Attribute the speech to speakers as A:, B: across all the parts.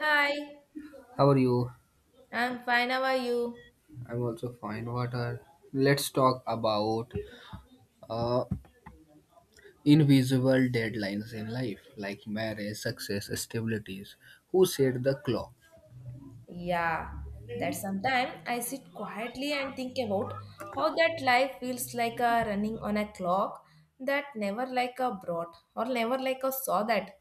A: Hi,
B: How are you?
A: I'm fine. How are you?
B: I'm also fine. What are? Let's talk about uh, invisible deadlines in life, like marriage, success, stabilities. Who set the clock?
A: Yeah, that sometimes I sit quietly and think about how that life feels like a running on a clock that never like a brought or never like a saw that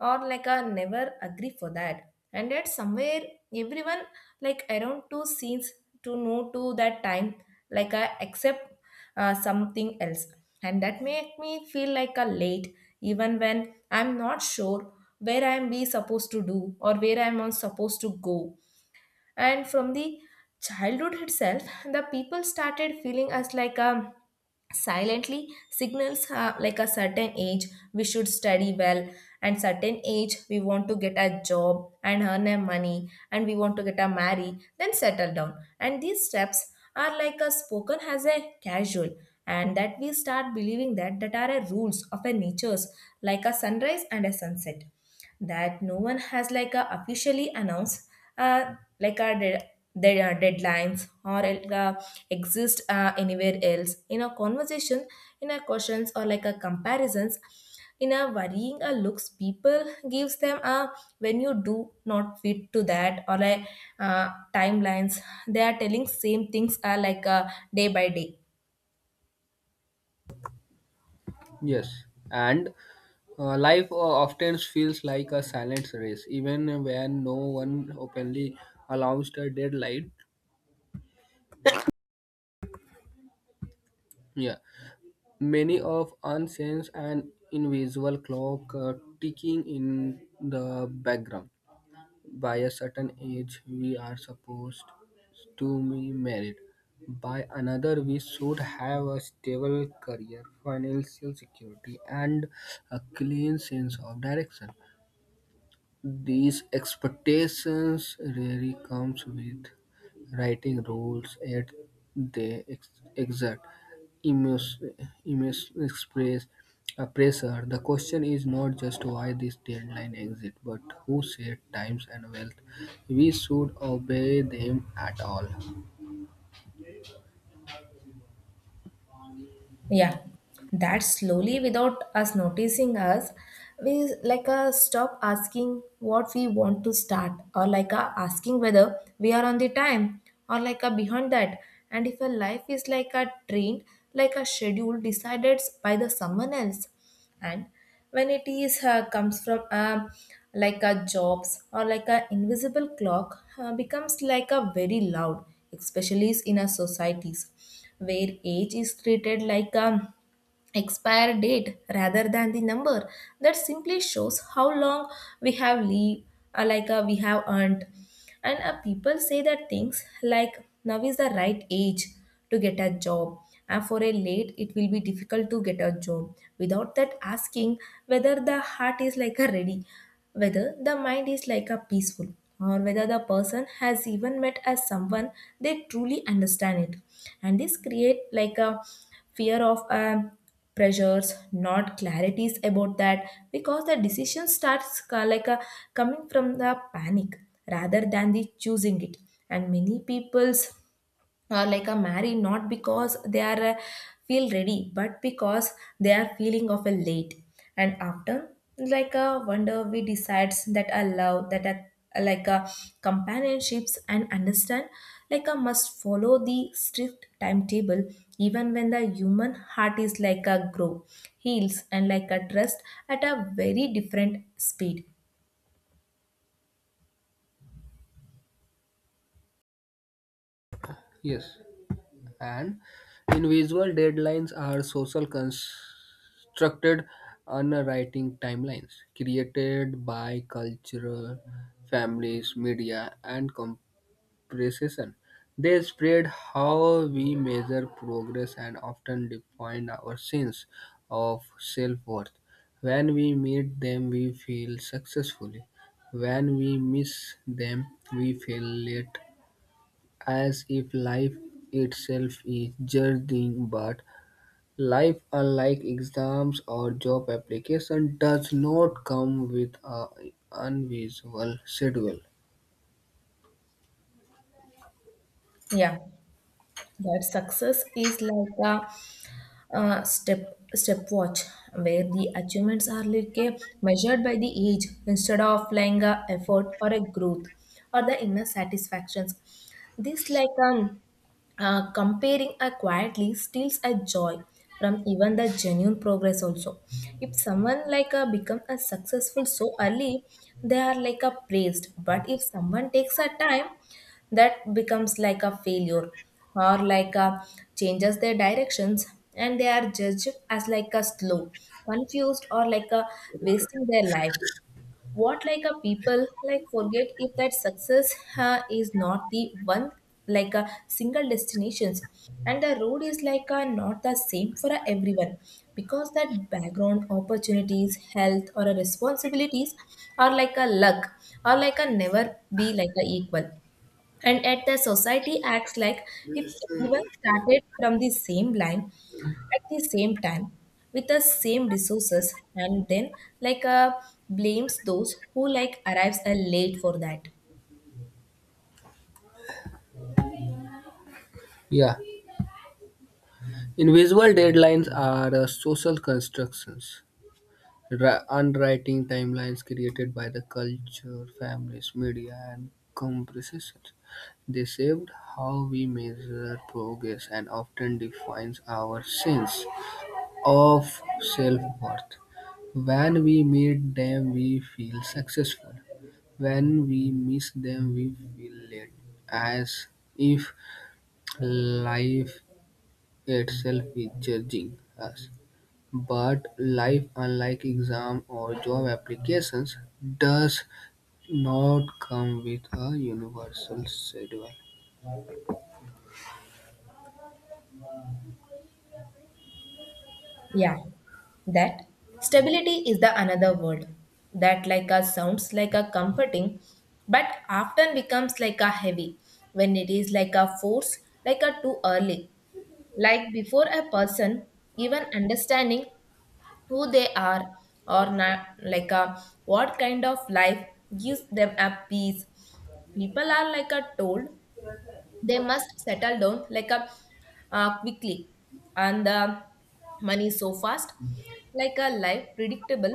A: or like a never agree for that. And that somewhere everyone like around two scenes to know to that time like I accept something else. And that make me feel like a late even when I'm not sure where I'm be supposed to do or where I'm on supposed to go and from the childhood itself the people started feeling us like a silently signals, like a certain age we should study well and certain age we want to get a job and earn a money and we want to get a marry then settle down. And these steps are like a spoken as a casual and that we start believing that that are a rules of a natures, like a sunrise and a sunset that no one has like a officially announced. uh, like our their deadlines or uh, exist anywhere else in a conversation, in a questions or like a comparisons, in a worrying a looks people gives them a when you do not fit to that, or like uh, timelines they are telling same things are like day by day.
B: Yes, and life often feels like a silent race, even when no one openly announced a deadline. Yeah, many of unsensed and invisible clock ticking in the background. By a certain age we are supposed to be married. By another, we should have a stable career, financial security, and a clean sense of direction. These expectations really comes with writing rules, yet they exert immense, immense express, pressure. The question is not just why this deadline exists, but who set times and wealth. We should obey them at all.
A: Yeah, that slowly, without us noticing us, we like stop asking what we want to start, or like asking whether we are on the time, or like behind that. And if a life is like a train, like a schedule decided by the someone else, and when it is comes from like a jobs or like a invisible clock, becomes like a very loud, especially in our societies where age is treated like a expire date rather than the number that simply shows how long we have leave, like we have earned. And people say that things like now is the right age to get a job and for a late it will be difficult to get a job, without that asking whether the heart is like a ready, whether the mind is like a peaceful, or whether the person has even met as someone they truly understand it. And this create like a fear of pressures not clarities about that, because the decision starts like a coming from the panic rather than the choosing it. And many people's or like a marry not because they are feel ready, but because they are feeling of a late. And after like a wonder we decides that a love that a like a companionships and understand like a must follow the strict timetable, even when the human heart is like a grow, heals and like a trust at a very different speed.
B: Yes, and individual deadlines are social constructed underwriting timelines created by cultural families media and compression. They spread how we measure progress and often define our sense of self-worth. When we meet them we feel successfully; when we miss them we feel late, as if life itself is judging. But life, unlike exams or job application, does not come with a invisible schedule.
A: Yeah, that success is like a, stepwatch, where the achievements are like a measured by the age instead of like a effort or a growth or the inner satisfactions. This like comparing a quietly steals a joy from even the genuine progress also. If someone like a become a successful so early they are like a praised, but if someone takes a time that becomes like a failure, or like a changes their directions and they are judged as like a slow, confused, or like a wasting their life. What like a people like forget if that success is not the one like a single destinations, and the road is like a not the same for a everyone, because that background opportunities health or a responsibilities are like a luck, or like a never be like a equal. And at the society acts like if everyone started from the same line at the same time with the same resources, and then like blames those who like arrives late for that.
B: Yeah, invisible deadlines are social constructions. Unwriting timelines created by the culture families media and comparisons. They shaped how we measure progress and often defines our sense of self-worth. When we meet them we feel successful; when we miss them we feel late, as if life itself is judging us. But life, unlike exam or job applications, does not come with a universal schedule.
A: Yeah, that stability is the another word that like a sounds like a comforting but often becomes like a heavy when it is like a force like a too early, like before a person even understanding who they are, or not like a what kind of life gives them a peace. People are like a told they must settle down like a quickly and the money so fast, like a life predictable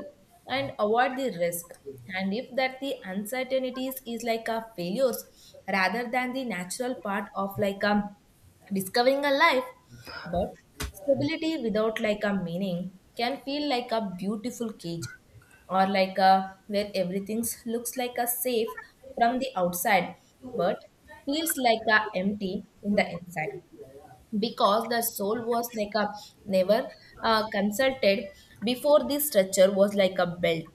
A: and avoid the risk. And if that the uncertainties is like a failures rather than the natural part of like a discovering a life. But stability without like a meaning can feel like a beautiful cage, or like a where everything looks like a safe from the outside but feels like a empty in the inside, because the soul was like a never consulted before this structure was like a belt.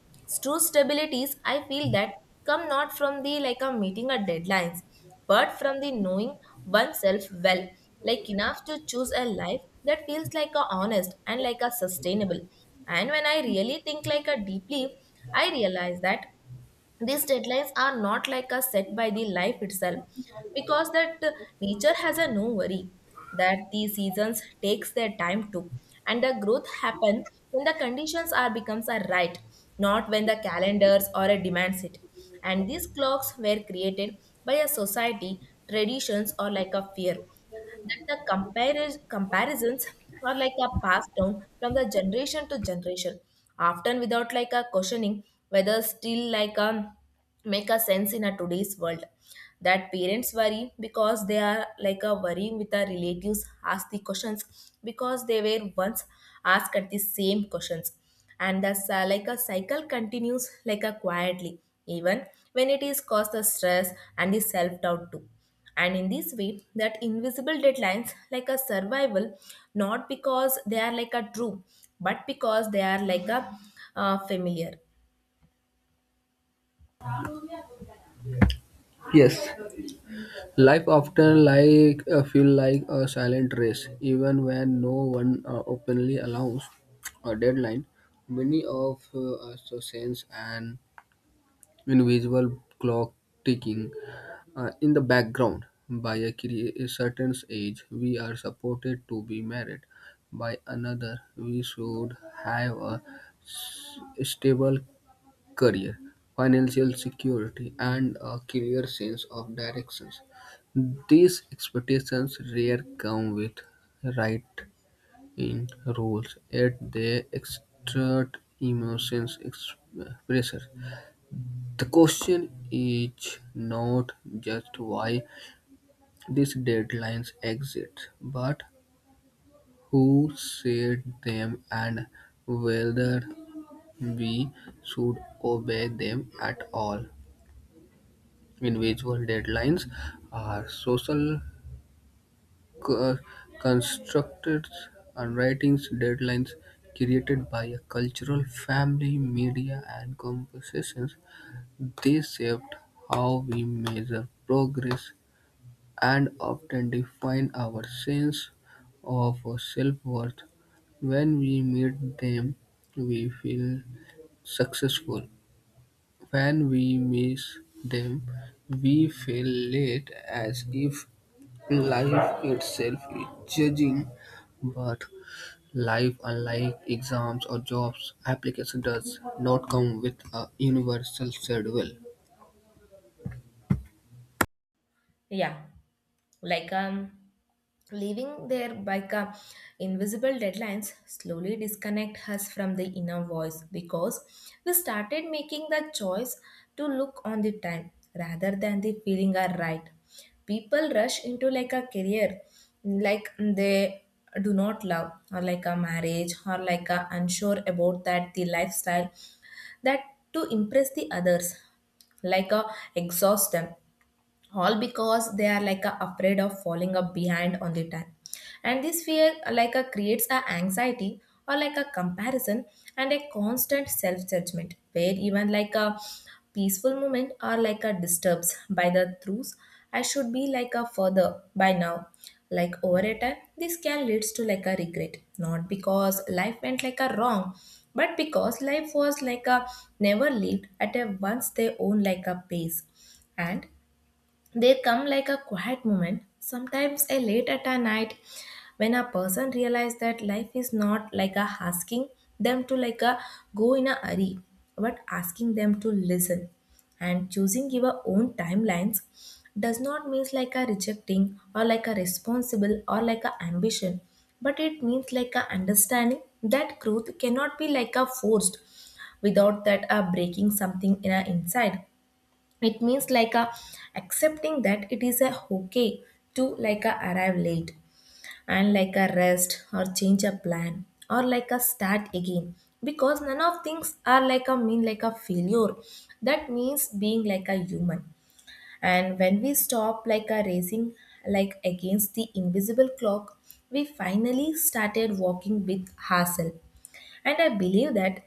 A: True stabilities, I feel that come not from the like a meeting a deadlines, but from the knowing oneself well, like enough to choose a life that feels like a honest and like a sustainable. And when I really think like a deeply, I realize that these deadlines are not like a set by the life itself, because that nature has a no worry, that the seasons takes their time too and the growth happen when the conditions are becomes a right, not when the calendars or a demands it. And these clocks were created by a society, traditions, or like a fear, that the comparisons are like a passed down from the generation to generation, often without like a questioning whether still like a make a sense in a today's world. That parents worry because they are like a worrying with their relatives, ask the questions because they were once asked at the same questions. And thus like a cycle continues like a quietly, even when it is cause the stress and the self-doubt too. And in this way that invisible deadlines like a survival, not because they are like a true, but because they are like a familiar.
B: Yes. Life often like feel like a silent race, even when no one openly allows a deadline. Many of us sense an invisible clock ticking in the background. By a certain age, we are supported to be married. By another, we should have a stable career, financial security, and a clear sense of directions. These expectations rarely come with write-in rules, yet they exert emotions pressure. The question is not just why these deadlines exist, but who set them and whether we should obey them at all. Individual deadlines are social co- constructs and writings deadlines created by a cultural family, media, and conversations. They shaped how we measure progress and often define our sense of self-worth. When we meet them, we feel successful. When we miss them, we feel late as if life itself is judging, but life, unlike exams or jobs application, does not come with a universal schedule.
A: Yeah, like leaving there bike up, invisible deadlines slowly disconnect us from the inner voice, because we started making the choice to look on the time rather than the feeling are right. People rush into like a career like they do not love, or like a marriage, or like a unsure about that the lifestyle that to impress the others, like a exhaust them all, because they are like a afraid of falling up behind on the time. And this fear like a creates a anxiety or like a comparison and a constant self judgment, where even like a peaceful moment are like a disturbs by the truth, I should be like a further by now. Like over a time this can leads to like a regret, not because life went like a wrong, but because life was like a never lived at a once their own like a pace. And they come like a quiet moment, sometimes a late at a night, when a person realizes that life is not like a asking them to like a go in a hurry, but asking them to listen. And choosing your own timelines does not mean like a rejecting, or like a responsible, or like a ambition, but it means like a understanding that growth cannot be like a forced without that a breaking something in our inside. It means like a accepting that it is a okay to like a arrive late, and like a rest, or change a plan, or like a start again, because none of things are like a mean like a failure. That means being like a human. And when we stop like a racing like against the invisible clock, we finally started walking with ourselves. And I believe that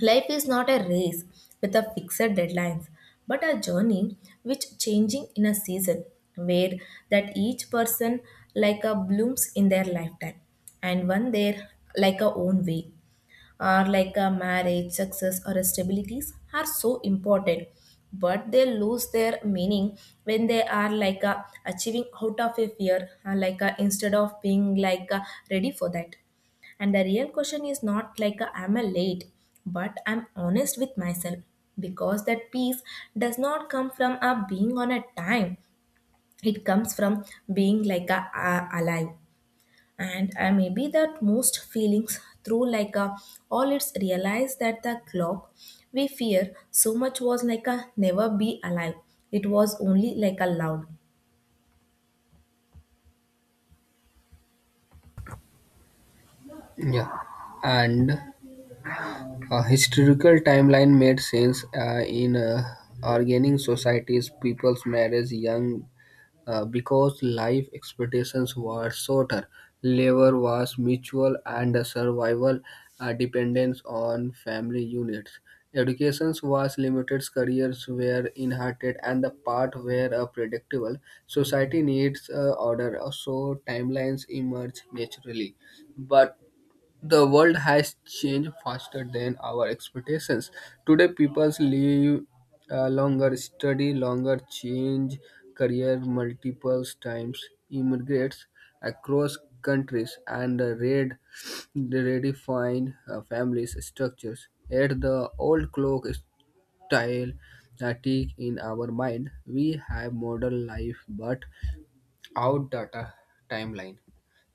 A: life is not a race with a fixed deadlines, but a journey which changing in a season, where that each person like a blooms in their lifetime and one their like a own way. Are like a marriage, success, or stabilities are so important, but they lose their meaning when they are like a achieving out of a fear, like a, instead of being like a ready for that. And the real question is not like a, am I late, but I'm honest with myself, because that peace does not come from a being on a time. It comes from being like a alive. And I maybe that most feelings through like a all it's realized that the clock we fear so much was like a never be alive, it was only like a loud.
B: Yeah, and a historical timeline made sense in organizing societies. People's marriage, young because life expectations were shorter, labor was mutual, and the survival dependence on family units. Education was limited, careers were inherited, and the path were predictable. Society needs order, so timelines emerge naturally. But the world has changed faster than our expectations. Today, people live longer, study longer, change career multiple times, immigrates across countries, and redefine families structures. Yet, the old clock style tick in our mind. We have modern life, but out data timeline.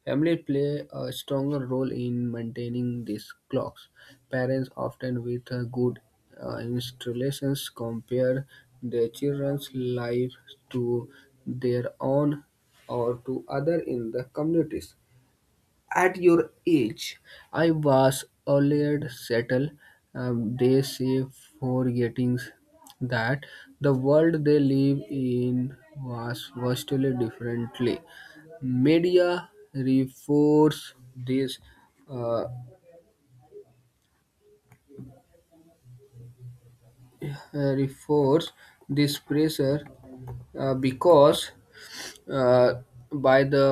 B: Family play a stronger role in maintaining these clocks. Parents often with good installations compare their children's life to their own or to other in the communities. At your age, I was already settled. They say, forgetting that the world they live in was vastly differently. Media uh, reinforce this pressure because uh, by the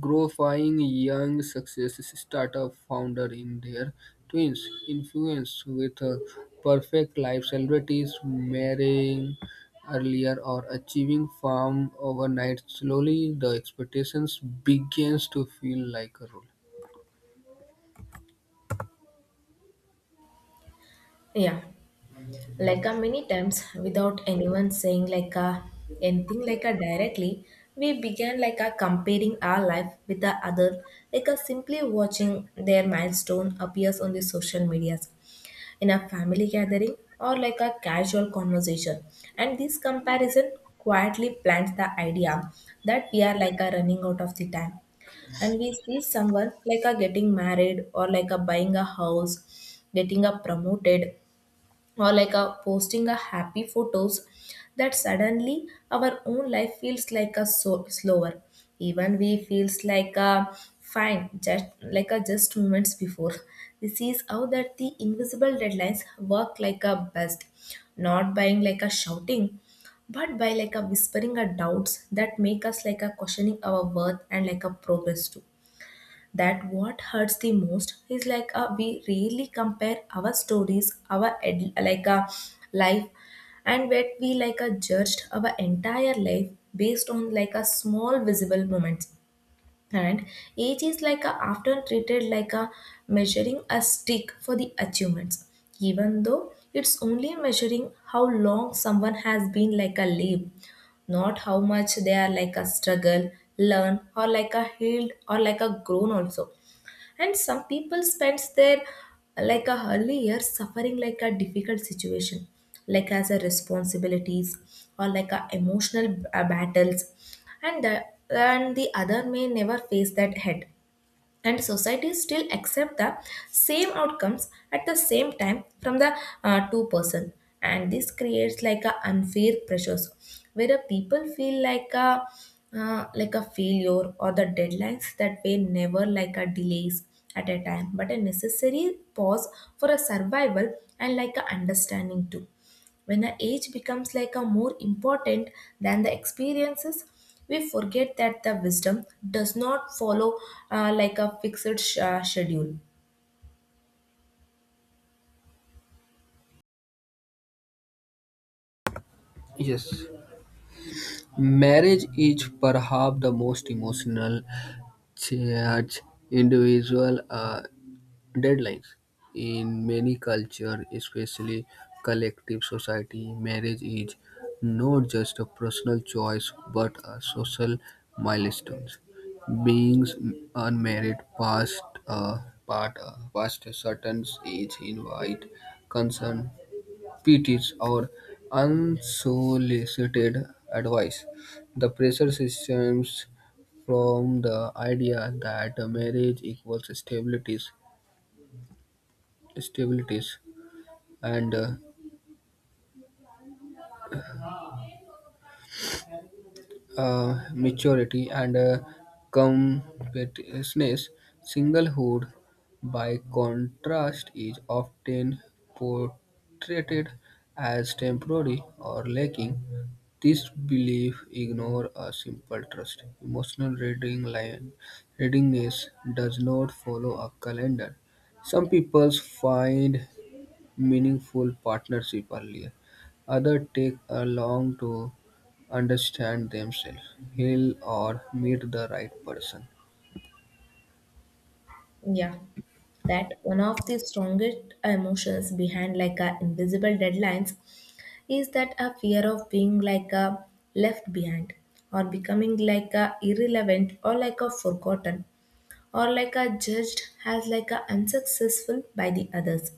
B: growing young success startup founder in their twins influence with a perfect life celebrities marrying earlier or achieving fame overnight, slowly the expectations begins to feel like a rule.
A: Yeah, like a many times without anyone saying like a anything like a directly, we began like a comparing our life with the other, like a simply watching their milestone appears on the social media, in a family gathering or like a casual conversation. And this comparison quietly plants the idea that we are like a running out of the time. And we see someone like a getting married or like a buying a house, getting a promoted or like a posting a happy photos that suddenly our own life feels like a so slower even we feels like a fine just like a just moments before. This is how that the invisible deadlines work like a best, not buying like a shouting but by like a whispering a doubts that make us like a questioning our worth and like a progress too. That what hurts the most is like we really compare our stories our life and where we like judged our entire life based on like a small visible moments. And age is like a, often treated like a measuring a stick for the achievements, even though it's only measuring how long someone has been like a live, not how much they are like a struggle, learn or like a healed or like a grown also. And some people spends their like a early years suffering like a difficult situation like as a responsibilities or like a emotional battles, and the other may never face that head, and society still accept the same outcomes at the same time from the two person. And this creates like a unfair pressures where a people feel like a failure or the deadlines that were never like a delays at a time but a necessary pause for a survival and like a understanding too. When the age becomes like a more important than the experiences, we forget that the wisdom does not follow like a fixed schedule.
B: Yes, marriage is perhaps the most emotional charge individual deadlines. In many cultures, especially collective society, marriage is not just a personal choice but a social milestone. Being unmarried past a part past a certain age invite concern, pities, or unsolicited advice. The pressure systems from the idea that marriage equals stability stabilities and maturity and competitiveness. Singlehood, by contrast, is often portrayed as temporary or lacking. This belief ignore a simple trust. Emotional reading line readiness does not follow a calendar. Some people find meaningful partnership earlier. Others take a long to understand themselves, heal, or meet the right person.
A: Yeah, that one of the strongest emotions behind like a invisible deadlines is that a fear of being like a left behind or becoming like a irrelevant or like a forgotten or like are judged as like a unsuccessful by the others.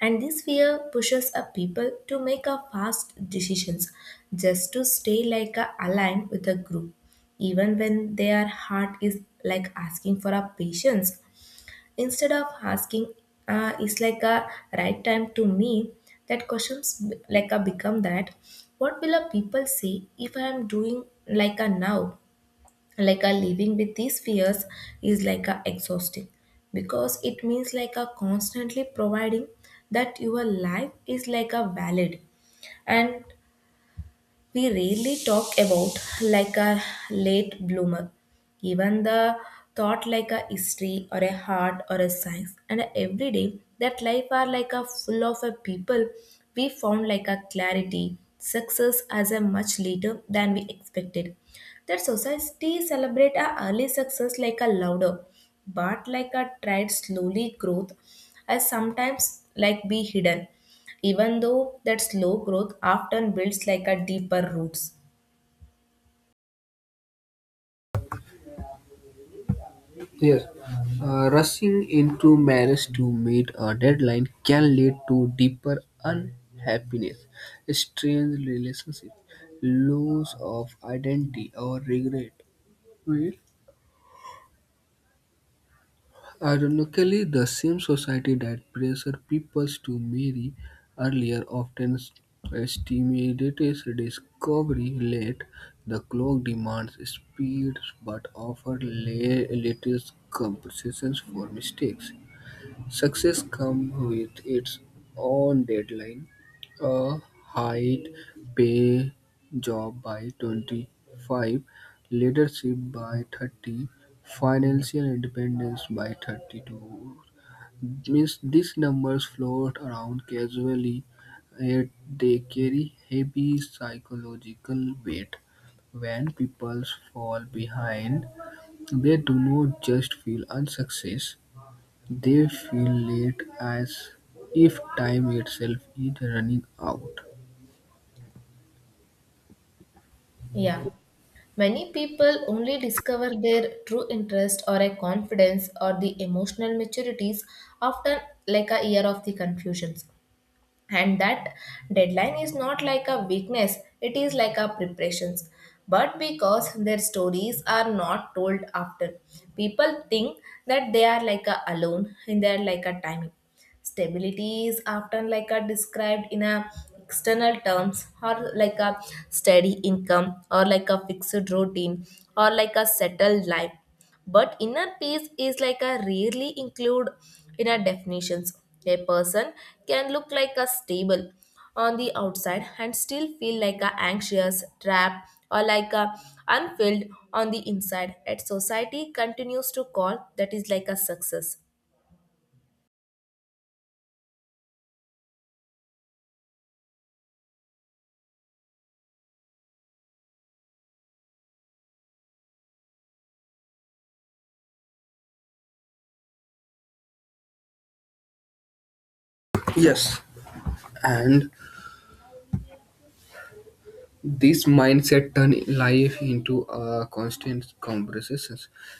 A: And this fear pushes a people to make a fast decisions just to stay like a aligned with a group even when their heart is like asking for a patience. Instead of asking is like a right time to me, that questions like a become that what will a people say if I am doing like a now. Like a living with these fears is like a exhausting because it means like a constantly providing that your life is like a valid. And we rarely talk about like a late bloomer. Even the thought like a history or a art or a science and every day that life are like a full of a people we found like a clarity success as a much later than we expected. That society celebrate a early success like a louder, but like a tried slowly growth as sometimes like be hidden, even though that slow growth often builds like a deeper roots.
B: Yes, rushing into marriage to meet a deadline can lead to deeper unhappiness, strange relationships, loss of identity, or regret. Well, ironically, the same society that pressured people to marry earlier often stimulates discovery late. The clock demands speed but offers little compensations for mistakes. Success comes with its own deadline. A high pay job by 25, leadership by 30, financial independence by 32. Means these numbers float around casually, yet they carry heavy psychological weight. When people fall behind, they do not just feel unsuccess, they feel late, as if time itself is running out.
A: Yeah, many people only discover their true interest or a confidence or the emotional maturities after like a year of the confusions, and that deadline is not like a weakness, it is like a preparations. But because their stories are not told often, people think that they are like a alone and they are like a timing. Stability is often like a described in a external terms or like a steady income or like a fixed routine or like a settled life. But inner peace is like a rarely include in our definitions. A person can look like a stable on the outside and still feel like a anxious, trapped, or like a unfilled on the inside. At society continues to call that is like a success.
B: Yes, and this mindset turns life into a constant conversation.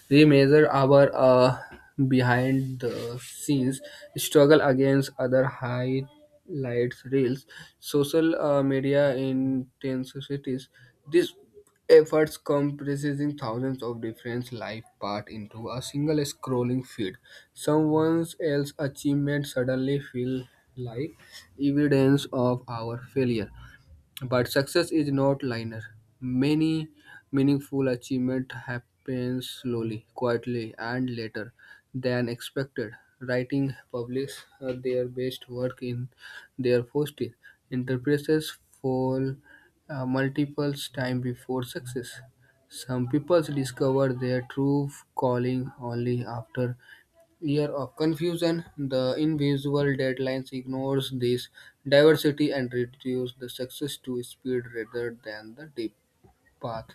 B: We measure our behind the scenes struggle against other highlights reels, social media intensities. These efforts comprising thousands of different life parts into a single scrolling feed. Someone else's achievement suddenly feel like evidence of our failure, but success is not linear. Many meaningful achievement happens slowly, quietly, and later than expected. Writing publish their best work in their first year. Enterprises fall multiple times before success. Some people discover their true calling only after year of confusion. The invisible deadlines ignores this diversity and reduce the success to speed rather than the deep path.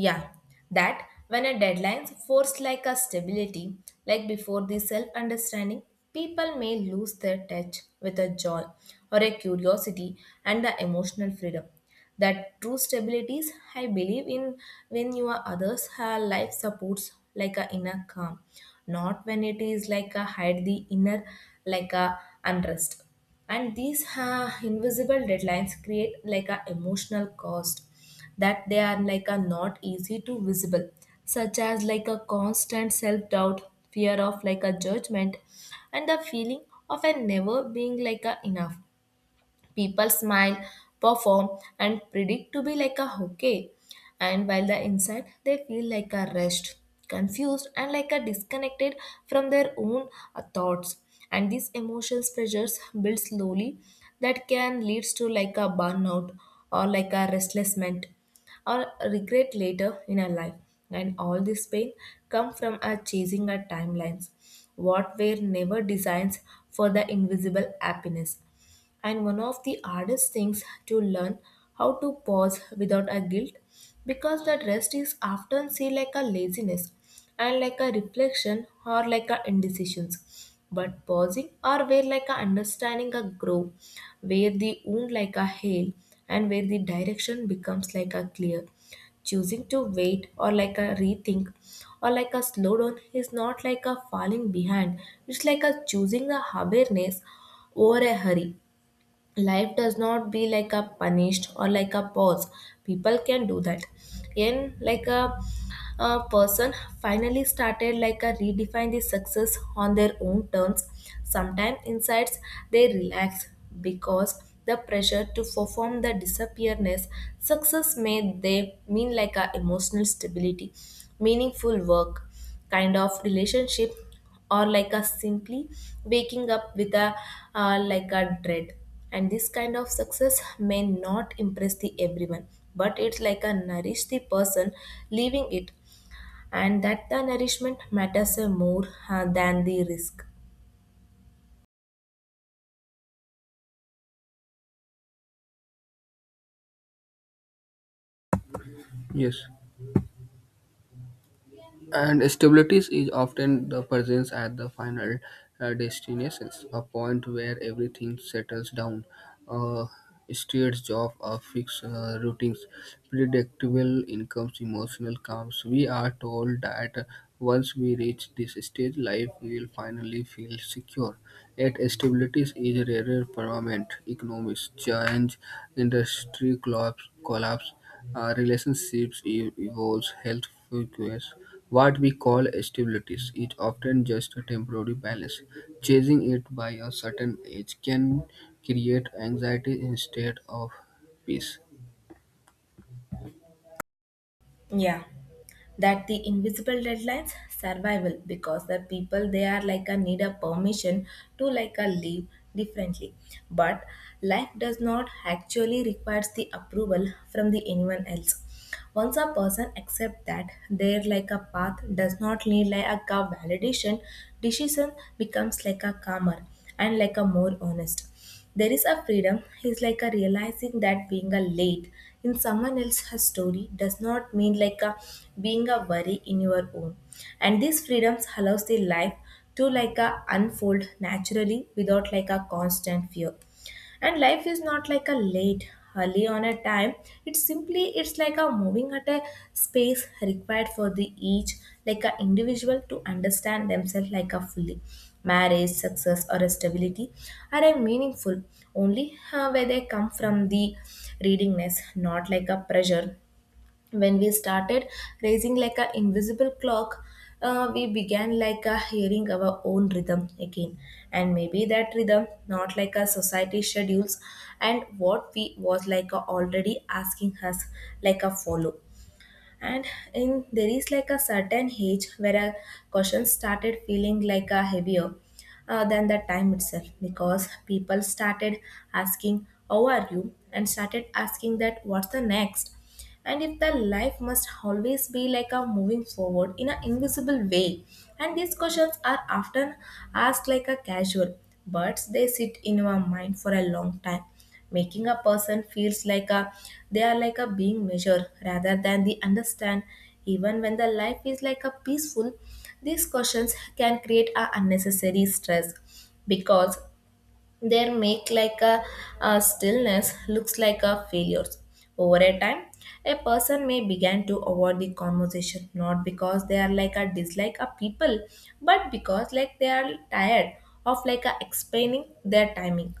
A: Yeah, that when a deadline's forced like a stability, like before the self understanding, people may lose their touch with a joy or a curiosity and the emotional freedom. That true stabilities I believe in when your others have life supports like a inner calm, not when it is like a hide the inner like a unrest. And these invisible deadlines create like a emotional cost that they are like a not easy to visible, such as like a constant self-doubt, fear of like a judgment, and the feeling of a never being like a enough. People smile, perform, and predict to be like a hockey. And while the inside, they feel like a rest, confused, and like a disconnected from their own thoughts. And these emotional pressures build slowly that can leads to like a burnout or like a restlessment or regret later in our life. And all this pain come from our chasing our timelines, what were never designed for the invisible happiness. And one of the hardest things to learn how to pause without a guilt, because that rest is often seen like a laziness and like a reflection or like a indecisions. But pausing or where like a understanding a grow, where the wound like a hail and where the direction becomes like a clear. Choosing to wait or like a rethink or like a slow down, is not like a falling behind. It's like a choosing the awareness over a hurry. Life does not be like a punished or like a pause people can do that, and like a person finally started like a redefine the success on their own terms. Sometimes insights they relax because the pressure to perform the disappearness. Success may they mean like a emotional stability, meaningful work, kind of relationship, or like a simply waking up with a like a dread. And this kind of success may not impress the everyone, but it's like a nourish the person living it, and that the nourishment matters more than the risk.
B: Yes, and stability is often the presence at the final destinations, a point where everything settles down. Uh, Steered job or fixed routines, predictable incomes, emotional calms. We are told that once we reach this stage, life will finally feel secure. Yet stability is a permanent; economics change, collapse relationships evolve, health fluctuates. What we call stability is often just a temporary balance. Chasing it by a certain age can create anxiety instead of peace.
A: Yeah, that the invisible deadlines survival because the people they are like a need a permission to like a live differently. But life does not actually requires the approval from the anyone else. Once a person accepts that their like a path does not need like a validation, decision becomes like a calmer and like a more honest. There is a freedom is like a realizing that being a late in someone else's story does not mean like a being a worry in your own. And this freedoms allows the life to like a unfold naturally without like a constant fear, and life is not like a late early on a time, it's simply it's like a moving at a space required for the each like a individual to understand themselves like a fully. Marriage success or a stability are a meaningful only where they come from the readingness, not like a pressure. When we started raising like a invisible clock, we began like a hearing our own rhythm again, and maybe that rhythm not like a society schedules and what we was like a already asking us like a follow. And in there is like a certain age where a question started feeling like a heavier than the time itself, because people started asking how are you and started asking that what's the next and if the life must always be like a moving forward in an invisible way. And these questions are often asked like a casual, but they sit in our mind for a long time, making a person feels like a they are like a being measured rather than the understand. Even when the life is like a peaceful, these questions can create a unnecessary stress, because their make like a stillness looks like a failures. Over a time a person may begin to avoid the conversation, not because they are like a dislike a people, but because like they are tired of like a explaining their timing.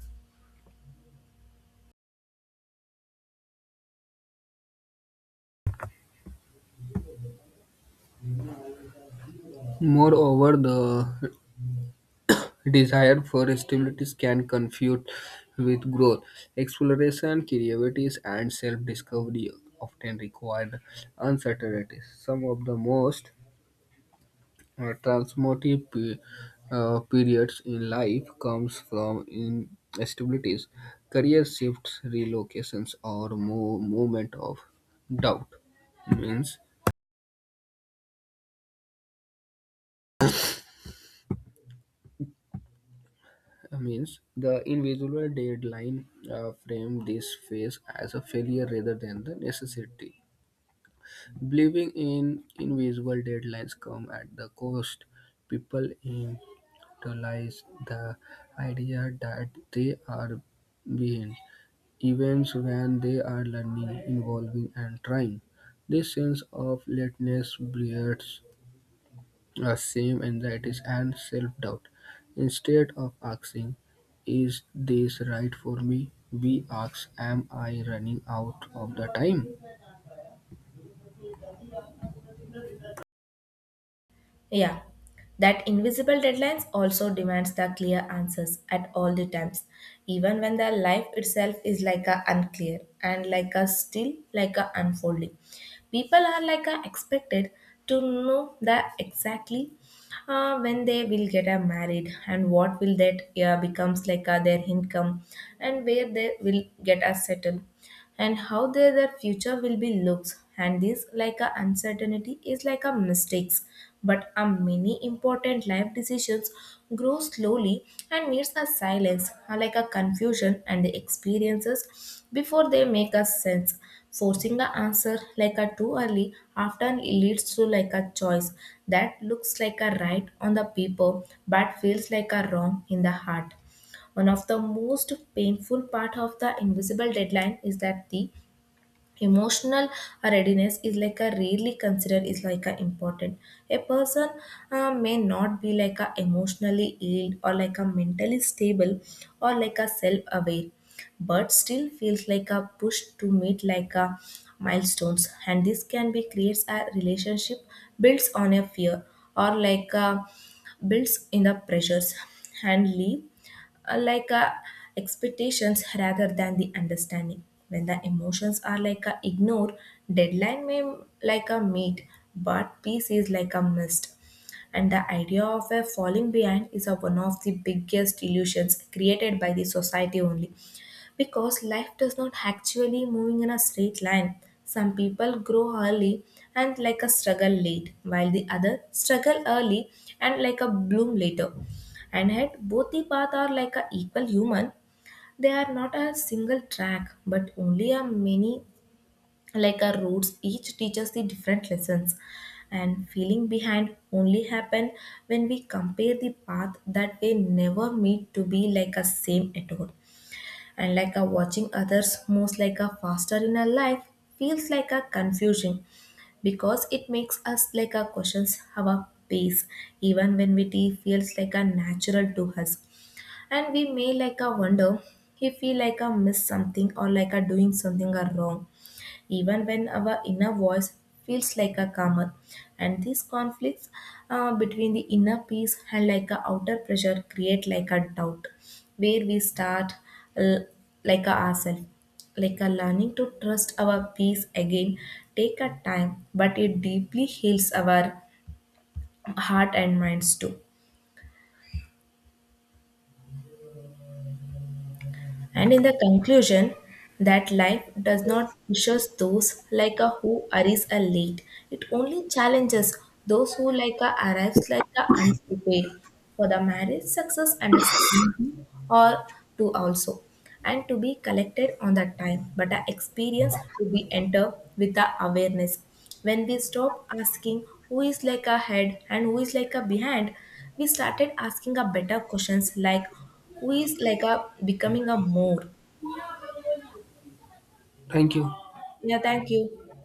B: Moreover, the desire for stability can confuse with growth. Exploration, creativity, and self discovery often require uncertainty. Some of the most transformative periods in life comes from instabilities, career shifts, relocations, or movement of doubt means means the individual deadline frame this phase as a failure rather than the necessity. Believing in invisible deadlines come at the cost, people internalize the idea that they are behind, even when they are learning, evolving, and trying. This sense of lateness breeds the same anxieties and self-doubt. Instead of asking, "Is this right for me?" we ask, "Am I running out of the time?"
A: Yeah, that invisible deadlines also demands the clear answers at all the times, even when the life itself is like a unclear and like a still like a unfolding. People are like a expected to know that exactly when they will get a married and what will that becomes like their income and where they will get a settle and how their future will be looks. And this like a uncertainty is like a mistakes, but a many important life decisions grow slowly and needs a silence like a confusion and the experiences before they make a sense. Forcing a answer like a too early often leads to like a choice that looks like a right on the paper but feels like a wrong in the heart. One of the most painful part of the invisible deadline is that the emotional readiness is like a rarely considered is like a important. A person may not be like a emotionally ill or like a mentally stable or like a self-aware, but still feels like a push to meet like a milestones, and this can be creates a relationship builds on a fear or like a builds in the pressures and leave uh, like uh, expectations rather than the understanding. When the emotions are like a ignored, deadline may like a meet but peace is like a mist. And the idea of a falling behind is a one of the biggest illusions created by the society only, because life does not actually moving in a straight line. Some people grow early and like a struggle late while the other struggle early and like a bloom later, and yet both the paths are like a equal human. They are not a single track but only a many like a roads. Each teaches the different lessons, and feeling behind only happen when we compare the path that they never meet to be like a same at all. And like a watching others moves like a faster in a life feels like a confusion, because it makes us like a questions our pace even when we tea feels like a natural to us. And we may like a wonder if we like a miss something or like a doing something are wrong, even when our inner voice feels like a calmer. And these conflicts between the inner peace and like a outer pressure create like a doubt where we start l- like a ourselves. Like a learning to trust our peace again take a time but it deeply heals our heart and minds too. And in the conclusion, that life does not push us those like a who arrives a late. It only challenges those who like a arrives like a unprepared for the marriage success and a stability or to also, and to be collected on the time, but the experience to be enter with the awareness. When we stop asking who is like ahead and who is like a behind, we started asking a better questions like who is like a becoming a more.
B: Thank you.
A: Yeah, thank you.